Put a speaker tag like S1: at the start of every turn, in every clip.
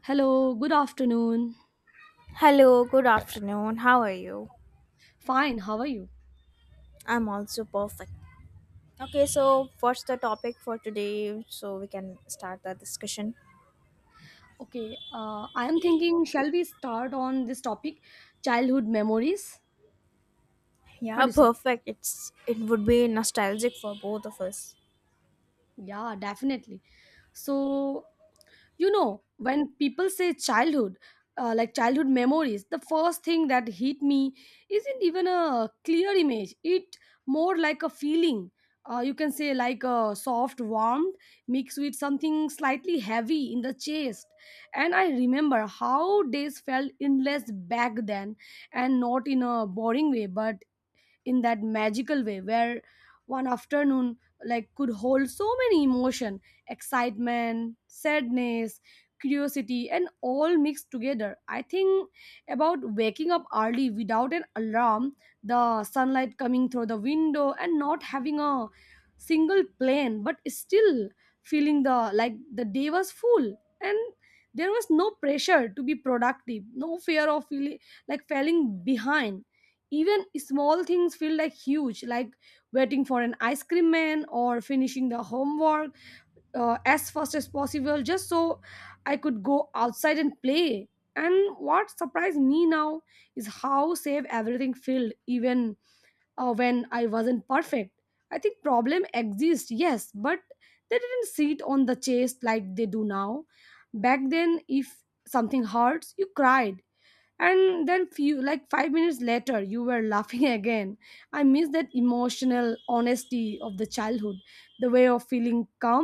S1: Hello, good afternoon.
S2: Hello, good afternoon. How are you?
S1: Fine, how are you?
S2: I'm also perfect. Okay, so what's the topic for today so we can start the discussion?
S1: Okay, I am thinking, shall we start on this topic, childhood memories? What
S2: Yeah,
S1: do you say?
S2: perfect. It would be nostalgic for both of us.
S1: Yeah, definitely. So, you know when people say childhood like childhood memories, the first thing that hit me isn't even a clear image, it more like a feeling. You can say like a soft warmth mixed with something slightly heavy in the chest. And I remember how days felt endless back then, and not in a boring way but in that magical way where one afternoon like could hold so many emotion, excitement, sadness, curiosity and all mixed together. I think about waking up early without an alarm, the sunlight coming through the window and not having a single plan but still feeling the like the day was full. And there was no pressure to be productive, no fear of feeling like falling behind. Even small things feel like huge, like waiting for an ice cream man or finishing the homework as fast as possible, just so I could go outside and play. And what surprised me now is how safe everything felt, even when I wasn't perfect. I think problem exist, yes, but they didn't sit on the chest like they do now. Back then, if something hurts, you cried and then few like 5 minutes later you were laughing again. I miss that emotional honesty of the childhood, the way of feeling calm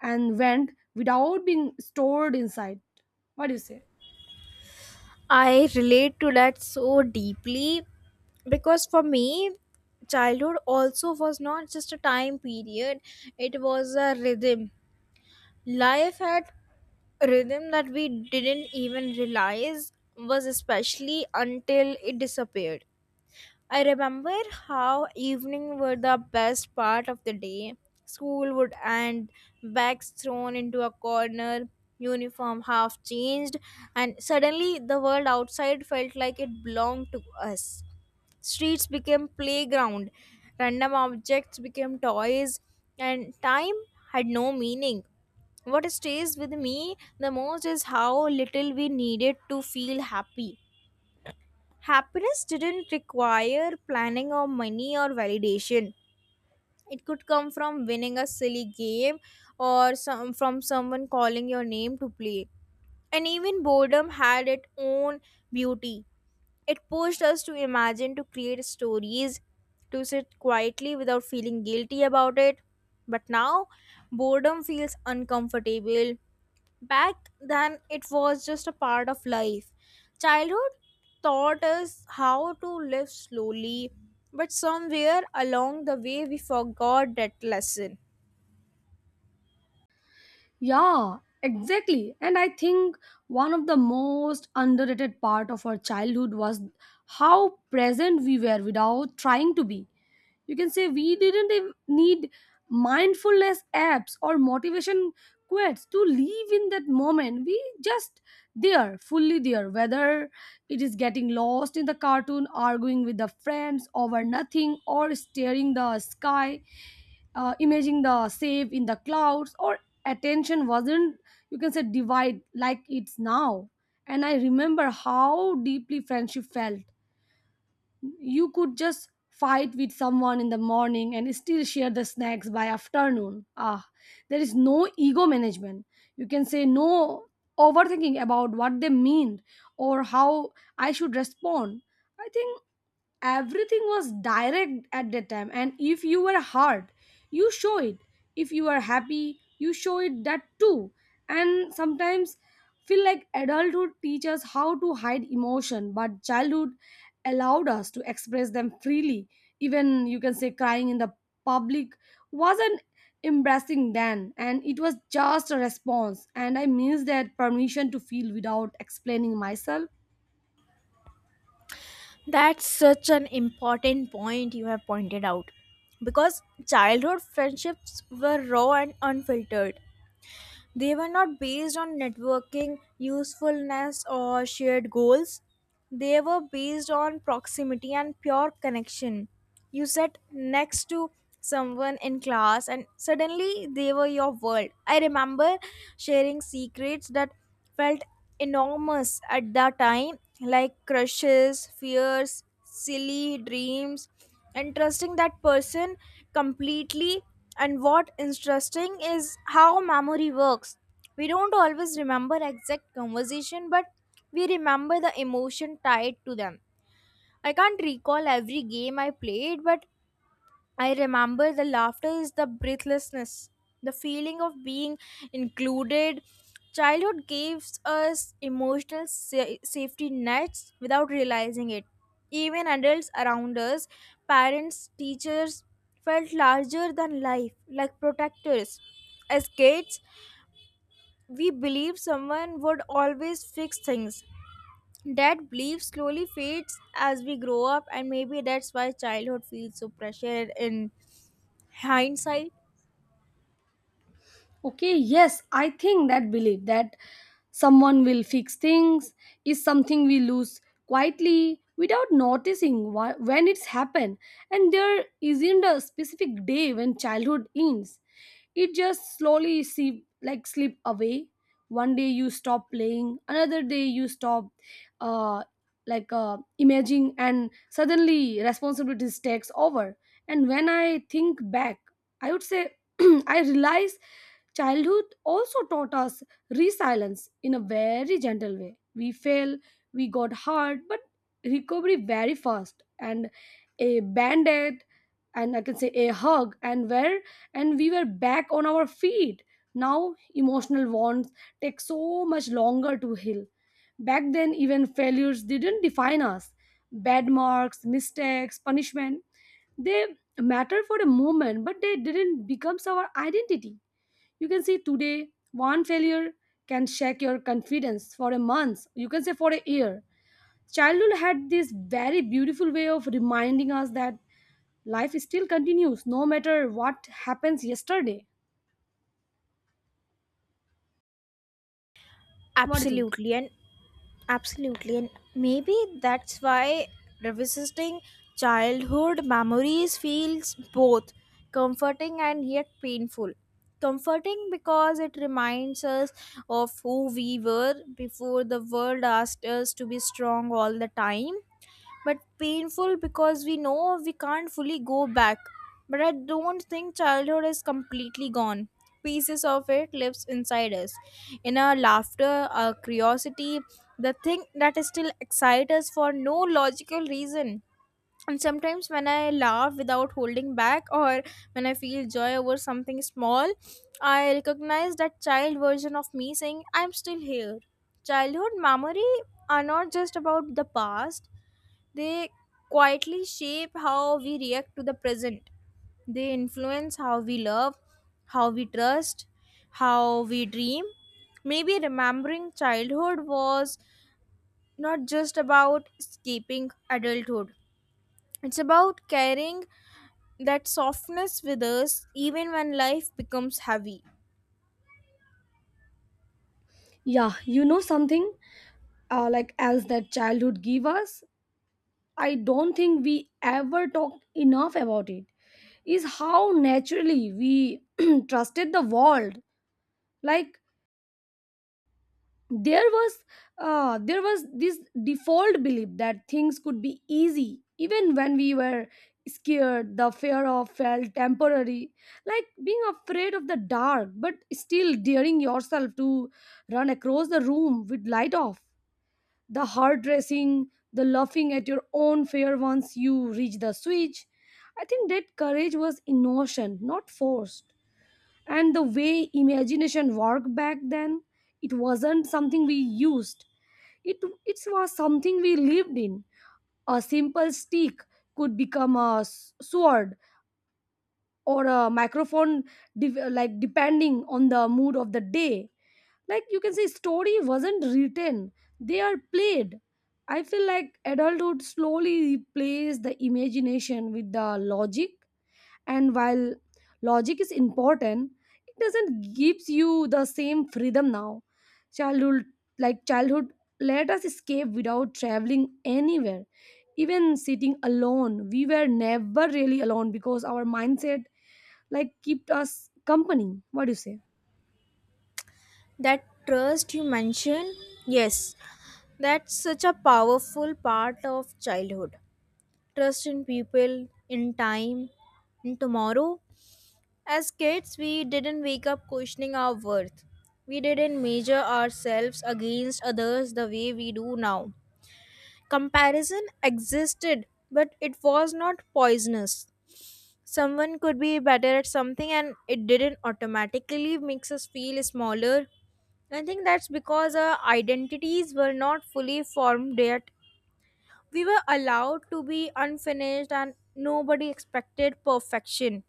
S1: and went without being stored inside. What do you say?
S2: I relate to that so deeply because for me childhood also was not just a time period, it was a rhythm. Life had rhythm that we didn't even realize was especially until it disappeared. I remember how evening were the best part of the day. School would end, bags thrown into a corner, uniform half changed, and suddenly the world outside felt like it belonged to us. Streets became playground, random objects became toys, and time had no meaning. What stays with me the most is how little we needed to feel happy. Happiness didn't require planning or money or validation. It could come from winning a silly game or from someone calling your name to play. And even boredom had its own beauty. It pushed us to imagine, to create stories, to sit quietly without feeling guilty about it. But now, boredom feels uncomfortable. Back then, it was just a part of life. Childhood taught us how to live slowly, but somewhere along the way, we forgot that lesson.
S1: Yeah, exactly. And I think one of the most underrated part of our childhood was how present we were without trying to be. You can say we didn't need mindfulness apps or motivation quotes to live in that moment. We just there, fully there, whether it is getting lost in the cartoon, arguing with the friends over nothing, or staring the sky, imaging the save in the clouds, or attention wasn't, you can say, divide like it's now. And I remember how deeply friendship felt. You could just fight with someone in the morning and still share the snacks by afternoon. Ah, there is no ego management, you can say no overthinking about what they mean or how I should respond. I think everything was direct at that time, and if you were hard, you show it. If you are happy, you show it that too. And sometimes feel like adulthood teaches how to hide emotion, but childhood allowed us to express them freely. Even you can say crying in the public wasn't embarrassing then, and it was just a response. And I miss that permission to feel without explaining myself.
S2: That's such an important point you have pointed out. Because childhood friendships were raw and unfiltered. They were not based on networking, usefulness, or shared goals. They were based on proximity and pure connection. You sat next to someone in class, and suddenly they were your world. I remember sharing secrets that felt enormous at that time, like crushes, fears, silly dreams, and trusting that person completely. And what interesting is how memory works. We don't always remember exact conversation, but we remember the emotion tied to them. I can't recall every game I played, but I remember the laughter is the breathlessness, the feeling of being included. Childhood gives us emotional safety nets without realizing it. Even adults around us, parents, teachers, felt larger than life, like protectors. As kids, we believe someone would always fix things. That belief slowly fades as we grow up, and maybe that's why childhood feels so pressured in hindsight.
S1: Okay, yes, I think that belief that someone will fix things is something we lose quietly without noticing when it's happened. And there isn't a specific day when childhood ends. It just slowly see, like slip away. One day you stop playing, another day you stop uh, imaging, and suddenly responsibilities takes over. And when I think back, I would say, I realize childhood also taught us resilience in a very gentle way. We fail, we got hurt, but recovery very fast. And a band aid, and I can say a hug, and where and we were back on our feet. Now emotional wounds take so much longer to heal. Back then, even failures didn't define us. Bad marks, mistakes, punishment, they matter for a moment, but they didn't become our identity. You can see today one failure can shake your confidence for a month, you can say for a year. Childhood had this very beautiful way of reminding us that life still continues no matter what happens yesterday. What do you think?
S2: Absolutely, and absolutely, and maybe that's why revisiting childhood memories feels both comforting and yet painful. Comforting because it reminds us of who we were before the world asked us to be strong all the time, but painful because we know we can't fully go back. But I don't think childhood is completely gone. Pieces of it lives inside us, in our laughter, our curiosity, the thing that still excites us for no logical reason. And sometimes when I laugh without holding back, or when I feel joy over something small, I recognize that child version of me saying, I'm still here. Childhood memory are not just about the past, they quietly shape how we react to the present. They influence how we love, how we trust, how we dream. Maybe remembering childhood was not just about escaping adulthood. It's about carrying that softness with us even when life becomes heavy.
S1: Yeah, you know something like else that childhood give us, I don't think we ever talk enough about it, is how naturally we trusted the world. Like, there was there was this default belief that things could be easy even when we were scared. The fear of felt temporary, like being afraid of the dark but still daring yourself to run across the room with light off, the heart racing, the laughing at your own fear once you reach the switch. I think that courage was emotion not forced. And the way imagination worked back then, it wasn't something we used, it it was something we lived in. A simple stick could become a sword or a microphone, like depending on the mood of the day. Like you can say story wasn't written, they are played. I feel like adulthood slowly replaced the imagination with the logic, and while logic is important, it doesn't gives you the same freedom now. Childhood like childhood let us escape without traveling anywhere. Even sitting alone we were never really alone because our mindset like kept us company. What do you say?
S2: That trust you mentioned, yes, that's such a powerful part of childhood. Trust in people, in time, in tomorrow. As kids, we didn't wake up questioning our worth. We didn't measure ourselves against others the way we do now. Comparison existed, but it was not poisonous. Someone could be better at something and it didn't automatically makes us feel smaller. I think that's because our identities were not fully formed yet. We were allowed to be unfinished and nobody expected perfection.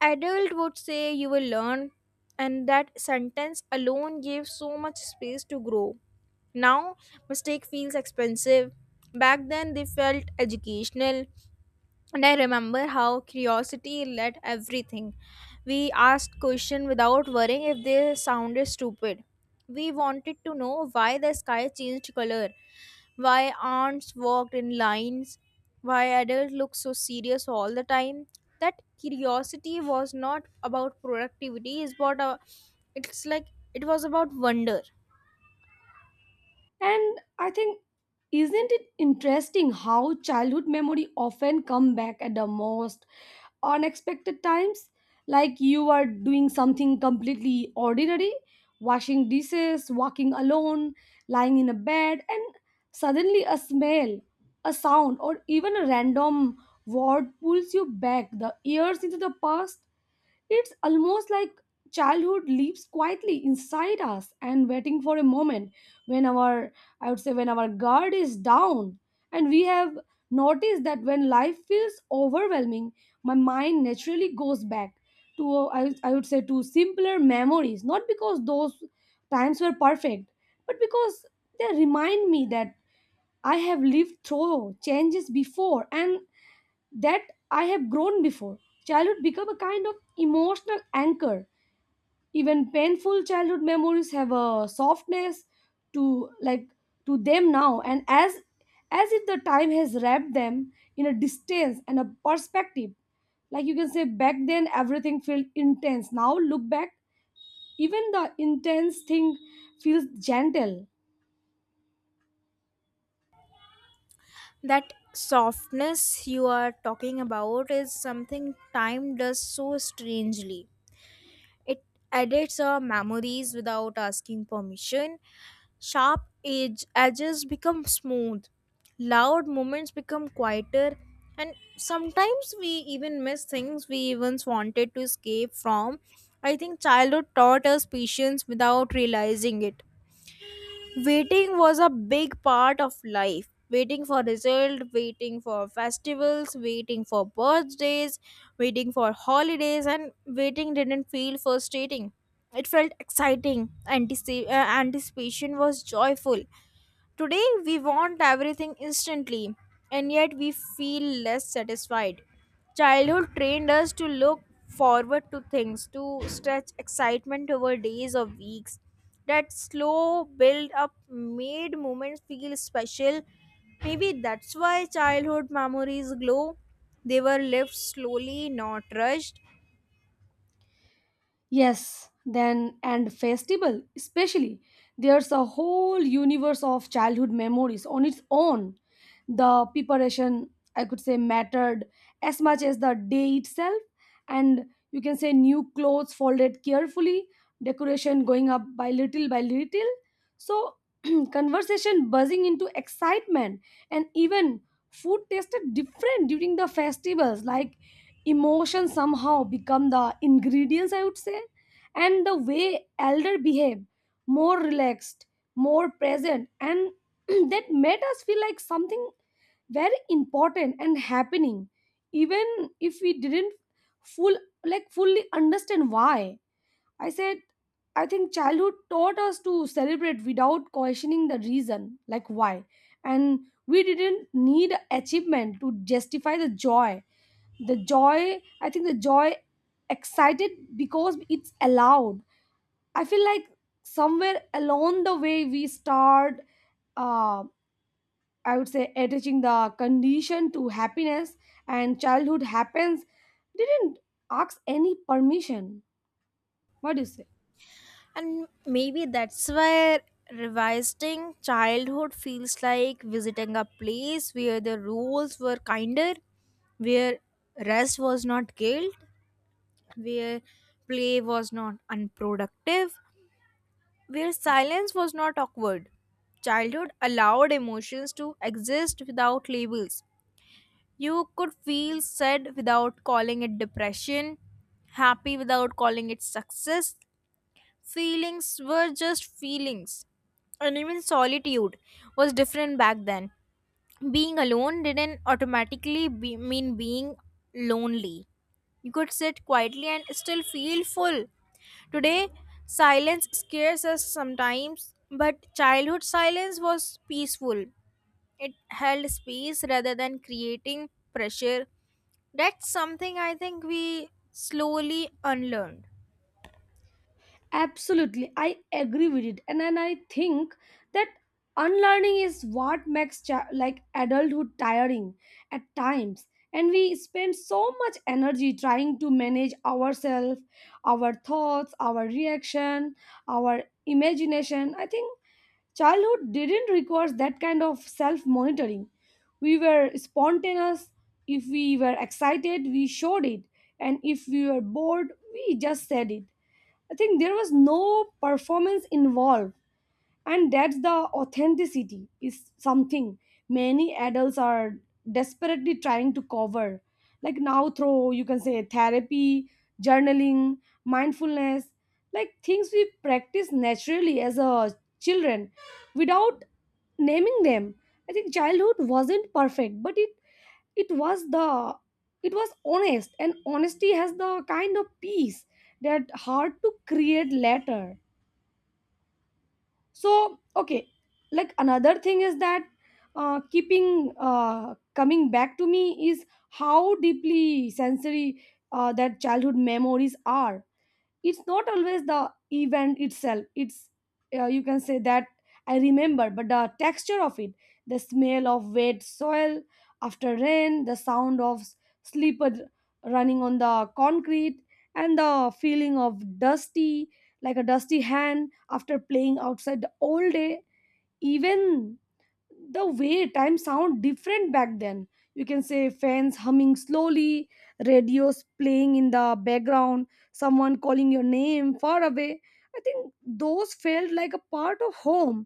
S2: Adult would say you will learn, and that sentence alone gave so much space to grow. Now mistake feels expensive. Back then they felt educational. And I remember how curiosity led everything. We asked questions without worrying if they sounded stupid. We wanted to know why the sky changed color, why ants walked in lines, why adults look so serious all the time. That curiosity was not about productivity, it's about a, it's like it was about wonder.
S1: And I think, isn't it interesting how childhood memory often come back at the most unexpected times? Like you are doing something completely ordinary, washing dishes, walking alone, lying in a bed, and suddenly a smell, a sound, or even a random word pulls you back the years into the past. It's almost like childhood lives quietly inside us and waiting for a moment when our, I would say, when our guard is down. And we have noticed that when life feels overwhelming, my mind naturally goes back to, I would say, to simpler memories, not because those times were perfect, but because they remind me that I have lived through changes before and that I have grown before. Childhood become a kind of emotional anchor. Even painful childhood memories have a softness to like to them now, and as if the time has wrapped them in a distance and a perspective. Like you can say, back then everything felt intense. Now look back, even the intense thing feels gentle.
S2: That softness you are talking about is something time does so strangely. It edits our memories without asking permission. Edges become smooth. Loud moments become quieter. And sometimes we even miss things we even wanted to escape from. I think childhood taught us patience without realizing it. Waiting was a big part of life, waiting for result, waiting for festivals, waiting for birthdays, waiting for holidays, and waiting didn't feel frustrating, it felt exciting. Anticipation was joyful. Today, we want everything instantly, and yet we feel less satisfied. Childhood trained us to look forward to things, to stretch excitement over days or weeks. That slow build up made moments feel special. Maybe that's why childhood memories glow. They were lived slowly, not rushed.
S1: Yes, then and festival, especially. There's a whole universe of childhood memories on its own. The preparation, I could say, mattered as much as the day itself. And you can say new clothes folded carefully, decoration going up by little by little. So, conversation buzzing into excitement, and even food tasted different during the festivals, like emotions somehow become the ingredients, I would say. And the way elder behave, more relaxed, more present, and that made us feel like something very important and happening, even if we didn't full like fully understand why. I said, I think childhood taught us to celebrate without questioning the reason, like why. And we didn't need achievement to justify the joy. The joy i think the joy excited because it's allowed. I feel like somewhere along the way we start, uh, I would say, attaching the condition to happiness. And childhood happens didn't ask any permission. What do you say?
S2: And maybe that's why revisiting childhood feels like visiting a place where the rules were kinder, where rest was not guilt, where play was not unproductive, where silence was not awkward. Childhood allowed emotions to exist without labels. You could feel sad without calling it depression, happy without calling it success. Feelings were just feelings, and even solitude was different back then. Being alone didn't automatically mean being lonely. You could sit quietly and still feel full. Today, silence scares us sometimes, but childhood silence was peaceful. It held space rather than creating pressure. That's something I think we slowly unlearned.
S1: Absolutely, I agree with it, and I think that unlearning is what makes like adulthood tiring at times, and we spend so much energy trying to manage ourselves, our thoughts, our reaction, our imagination. I think childhood didn't require that kind of self monitoring. We were spontaneous. If we were excited, we showed it, and if we were bored, we just said it. I think there was no performance involved, and that's the authenticity is something many adults are desperately trying to cover. Like now, through you can say therapy, journaling, mindfulness, like things we practice naturally as a children without naming them. I think childhood wasn't perfect, but it was the it was honest, and honesty has the kind of peace that hard to create later. So okay, like another thing is that keeping coming back to me is how deeply sensory that childhood memories are. It's not always the event itself, it's you can say that I remember, but the texture of it, the smell of wet soil after rain, the sound of slipper running on the concrete, and the feeling of dusty, like a dusty hand after playing outside the all day. Even the way time sound different back then, you can say fans humming slowly, radios playing in the background, someone calling your name far away. I think those felt like a part of home.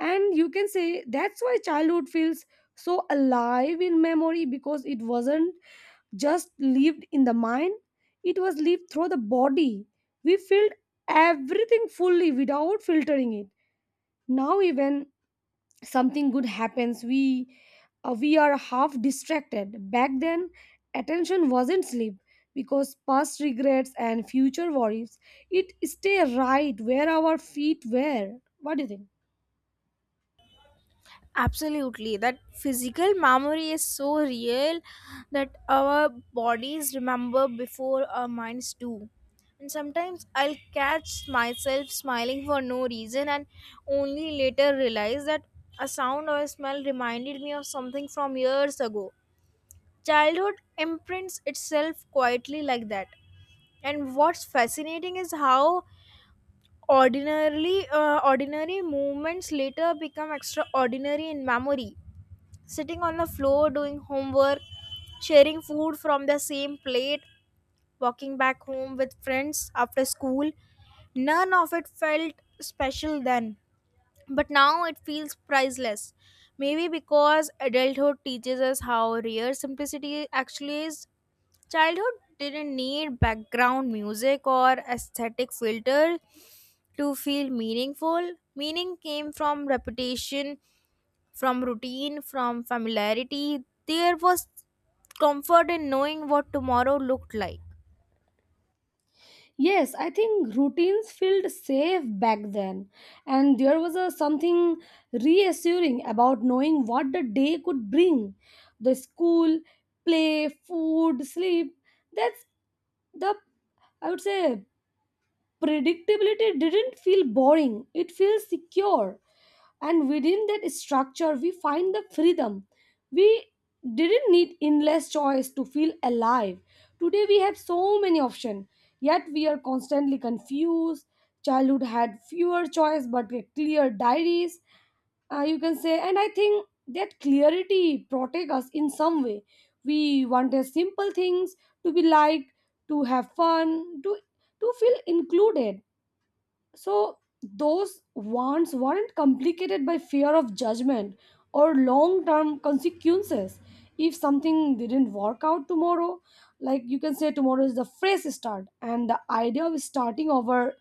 S1: And you can say that's why childhood feels so alive in memory, because it wasn't just lived in the mind, it was lived through the body. We felt everything fully without filtering it. Now even something good happens, we are half distracted. Back then attention wasn't sleep, because past regrets and future worries, it stay right where our feet were. What do you think?
S2: Absolutely, that physical memory is so real that our bodies remember before our minds do. And sometimes I'll catch myself smiling for no reason and only later realize that a sound or a smell reminded me of something from years ago. Childhood imprints itself quietly like that. And what's fascinating is how ordinarily ordinary moments later become extraordinary in memory, sitting on the floor doing homework, sharing food from the same plate, walking back home with friends after school. None of it felt special then, but now it feels priceless. Maybe because adulthood teaches us how rare simplicity actually is. Childhood didn't need background music or aesthetic filters to feel meaningful. Meaning came from repetition, from routine, from familiarity. There was comfort in knowing what tomorrow looked like.
S1: Yes, I think routines felt safe back then, and there was a something reassuring about knowing what the day could bring. The school, play, food, sleep. That's the I would say predictability didn't feel boring, it feels secure. And within that structure we find the freedom, we didn't need endless choice to feel alive. Today we have so many options, yet we are constantly confused. Childhood had fewer choice but with clear diaries, you can say. And I think that clarity protect us in some way. We wanted simple things, to be liked, to have fun, to feel included. So those wants weren't complicated by fear of judgment or long-term consequences. If something didn't work out tomorrow, like you can say tomorrow is the fresh start, and the idea of starting over,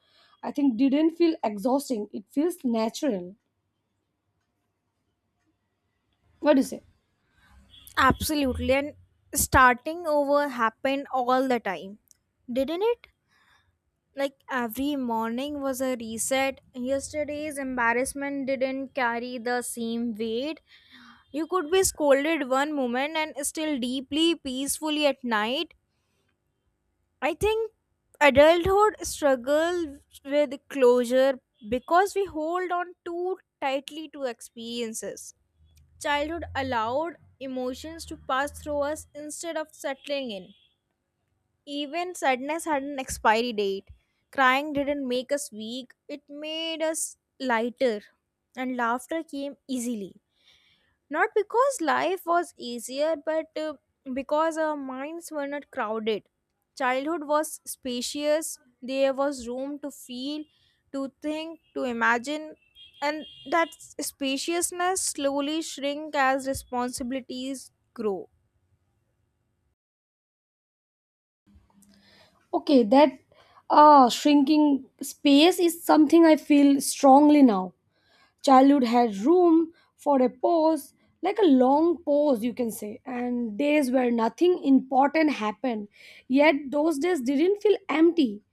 S1: I think, didn't feel exhausting. It feels natural. What do you say?
S2: Absolutely. And starting over happened all the time, didn't it? Like every morning was a reset. Yesterday's embarrassment didn't carry the same weight. You could be scolded one moment and still deeply peacefully at night. I think adulthood struggles with closure because we hold on too tightly to experiences. Childhood allowed emotions to pass through us instead of settling in. Even sadness had an expiry date. Crying didn't make us weak, it made us lighter, and laughter came easily. Not because life was easier, but because our minds were not crowded. Childhood was spacious, there was room to feel, to think, to imagine, and that spaciousness slowly shrink as responsibilities grow.
S1: Okay, that shrinking space is something I feel strongly now. Childhood had room for a pause, like a long pause, you can say, and days where nothing important happened. Yet those days didn't feel empty,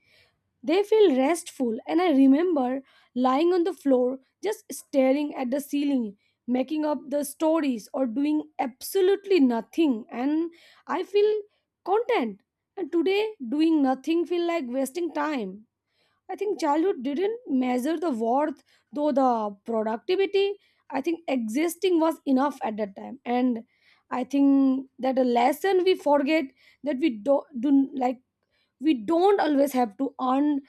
S1: they feel restful. And I remember lying on the floor, just staring at the ceiling, making up the stories, or doing absolutely nothing. And I feel content. And today, doing nothing feel like wasting time. I think childhood didn't measure the worth, though the productivity. I think existing was enough at that time. And I think that a lesson we forget, that we do, do like we don't always have to earn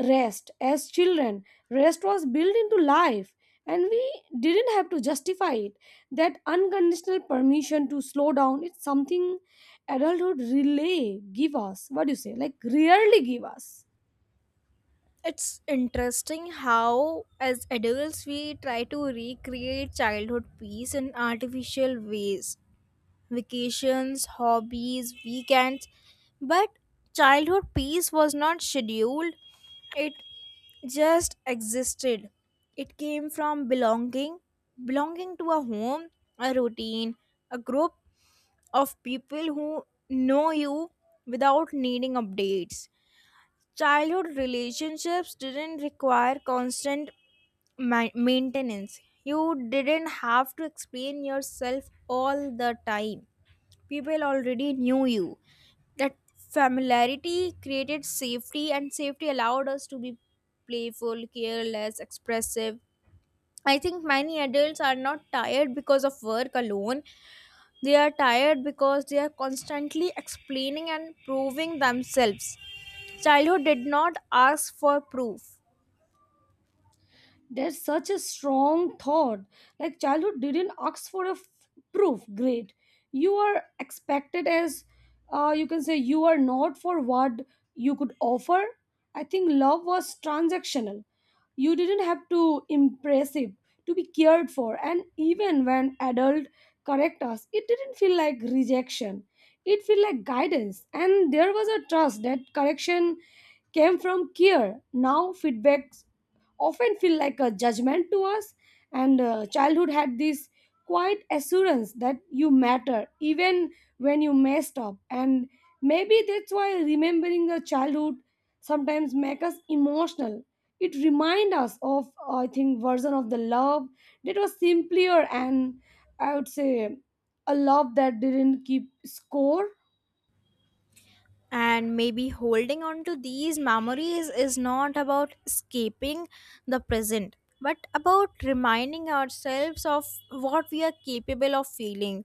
S1: rest as children. Rest was built into life, and we didn't have to justify it. That unconditional permission to slow down, it's something adulthood really give us. What do you say? Like rarely give us.
S2: It's interesting how, as adults, we try to recreate childhood peace in artificial ways, vacations, hobbies, weekends. But childhood peace was not scheduled, it just existed. It came from belonging, belonging to a home, a routine, a group of people who know you without needing updates. Childhood relationships didn't require constant maintenance. You didn't have to explain yourself all the time. People already knew you. That familiarity created safety, and safety allowed us to be playful, careless, expressive. I think many adults are not tired because of work alone, they are tired because they are constantly explaining and proving themselves. Childhood did not ask for proof.
S1: There's such a strong thought. Like childhood didn't ask for a proof grade. You are expected as, you can say, you are not for what you could offer. I think love was transactional. You didn't have to impressive to be cared for. And even when adult correct us, it didn't feel like rejection. It felt like guidance. And there was a trust that correction came from care. Now feedbacks often feel like a judgment to us, and childhood had this quiet assurance that you matter even when you messed up. And maybe that's why remembering the childhood sometimes make us emotional. It remind us of, I think, version of the love that was simpler, and I would say a love that didn't keep score.
S2: And maybe holding on to these memories is not about escaping the present, but about reminding ourselves of what we are capable of feeling.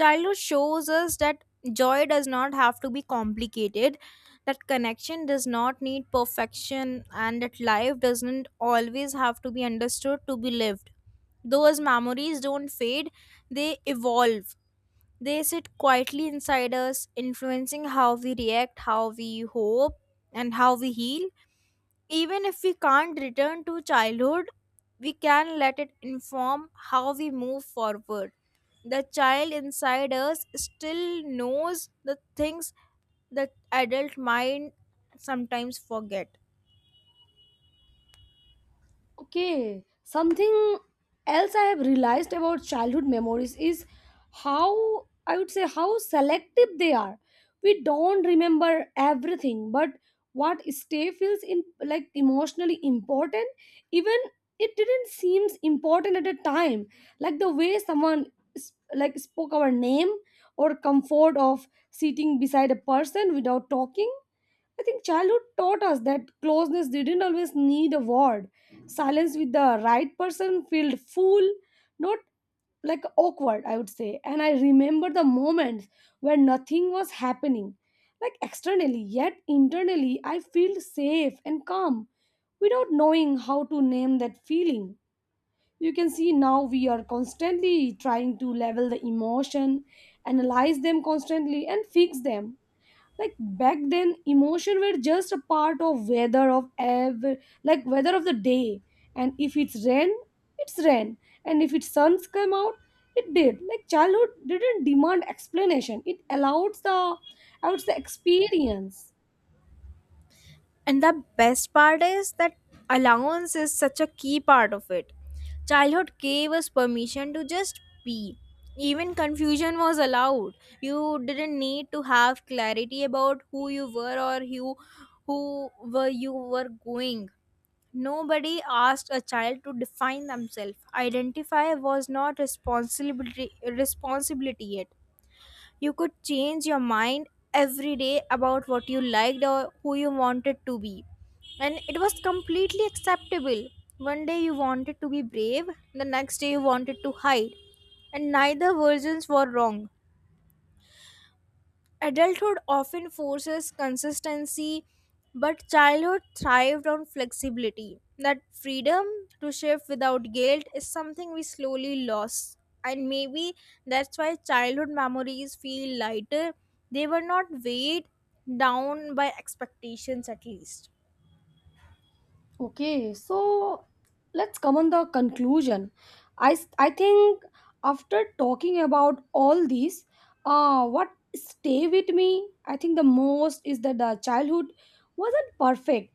S2: Childhood shows us that joy does not have to be complicated, that connection does not need perfection, and that life doesn't always have to be understood to be lived. Those memories don't fade, they evolve. They sit quietly inside us, influencing how we react, how we hope, and how we heal. Even if we can't return to childhood, we can let it inform how we move forward. The child inside us still knows the things the adult mind sometimes forget.
S1: Okay, something else I have realized about childhood memories is how, I would say, how selective they are. We don't remember everything, but what stay feels in like emotionally important, even it didn't seems important at the time. Like the way someone like spoke our name, or comfort of sitting beside a person without talking. I think childhood taught us that closeness didn't always need a word. Silence with the right person felt full, not like awkward, I would say. And I remember the moments where nothing was happening, like externally, yet internally, I feel safe and calm without knowing how to name that feeling. You can see now we are constantly trying to level the emotion, analyze them constantly, and fix them. Like back then emotion were just a part of weather of ever, like weather of the day. And if it's rain, it's rain, and if it's suns come out, it did. Like childhood didn't demand explanation, it allowed the, I would say, experience.
S2: And the best part is that allowance is such a key part of it. Childhood gave us permission to just be. Even confusion was allowed. You didn't need to have clarity about who you were or who were going. Nobody asked a child to define themselves. Identify was not responsibility yet. You could change your mind every day about what you liked or who you wanted to be. And it was completely acceptable. One day you wanted to be brave, the next day you wanted to hide. And neither versions were wrong. Adulthood often forces consistency, but childhood thrived on flexibility. That freedom to shift without guilt is something we slowly lost. And maybe that's why childhood memories feel lighter. They were not weighed down by expectations, at least.
S1: Okay, so let's come on the conclusion. I think after talking about all these, uh, what stay with me, I think, the most is that the childhood wasn't perfect,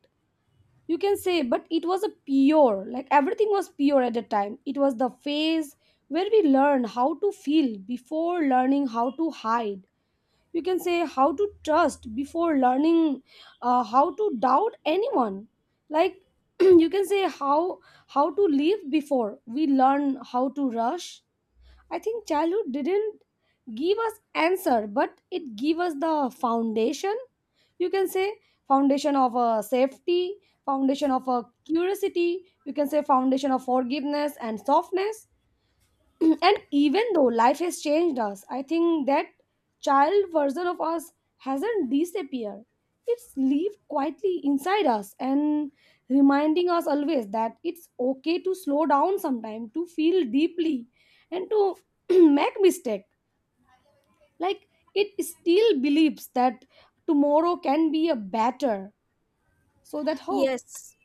S1: you can say, but it was a pure, like everything was pure at the time. It was the phase where we learn how to feel before learning how to hide, you can say how to trust before learning how to doubt anyone. Like you can say how to live before we learn how to rush. I think childhood didn't give us answer, but it gave us the foundation. You can say foundation of a safety, foundation of a curiosity. You can say foundation of forgiveness and softness. And even though life has changed us, I think that child version of us hasn't disappeared. It's lived quietly inside us and reminding us always that it's okay to slow down sometime, to feel deeply, and to make mistake. Like it still believes that tomorrow can be a better. So that hope.
S2: Yes,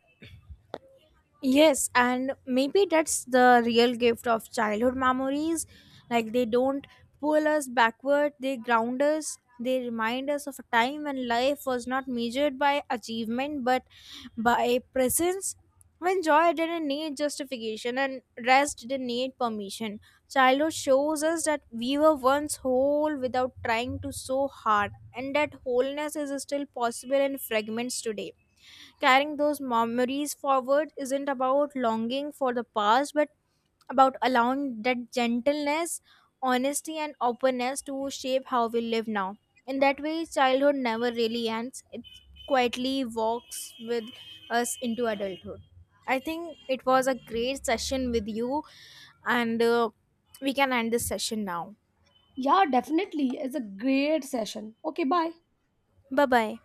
S2: Yes, and maybe that's the real gift of childhood memories. Like they don't pull us backward, they ground us, they remind us of a time when life was not measured by achievement but by presence. When joy didn't need justification and rest didn't need permission. Childhood shows us that we were once whole without trying to so hard, and that wholeness is still possible in fragments today. Carrying those memories forward isn't about longing for the past, but about allowing that gentleness, honesty, and openness to shape how we live now. In that way, childhood never really ends, it quietly walks with us into adulthood. I think it was a great session with you, and we can end this session now.
S1: Yeah, definitely. It's a great session. Okay, bye.
S2: Bye bye.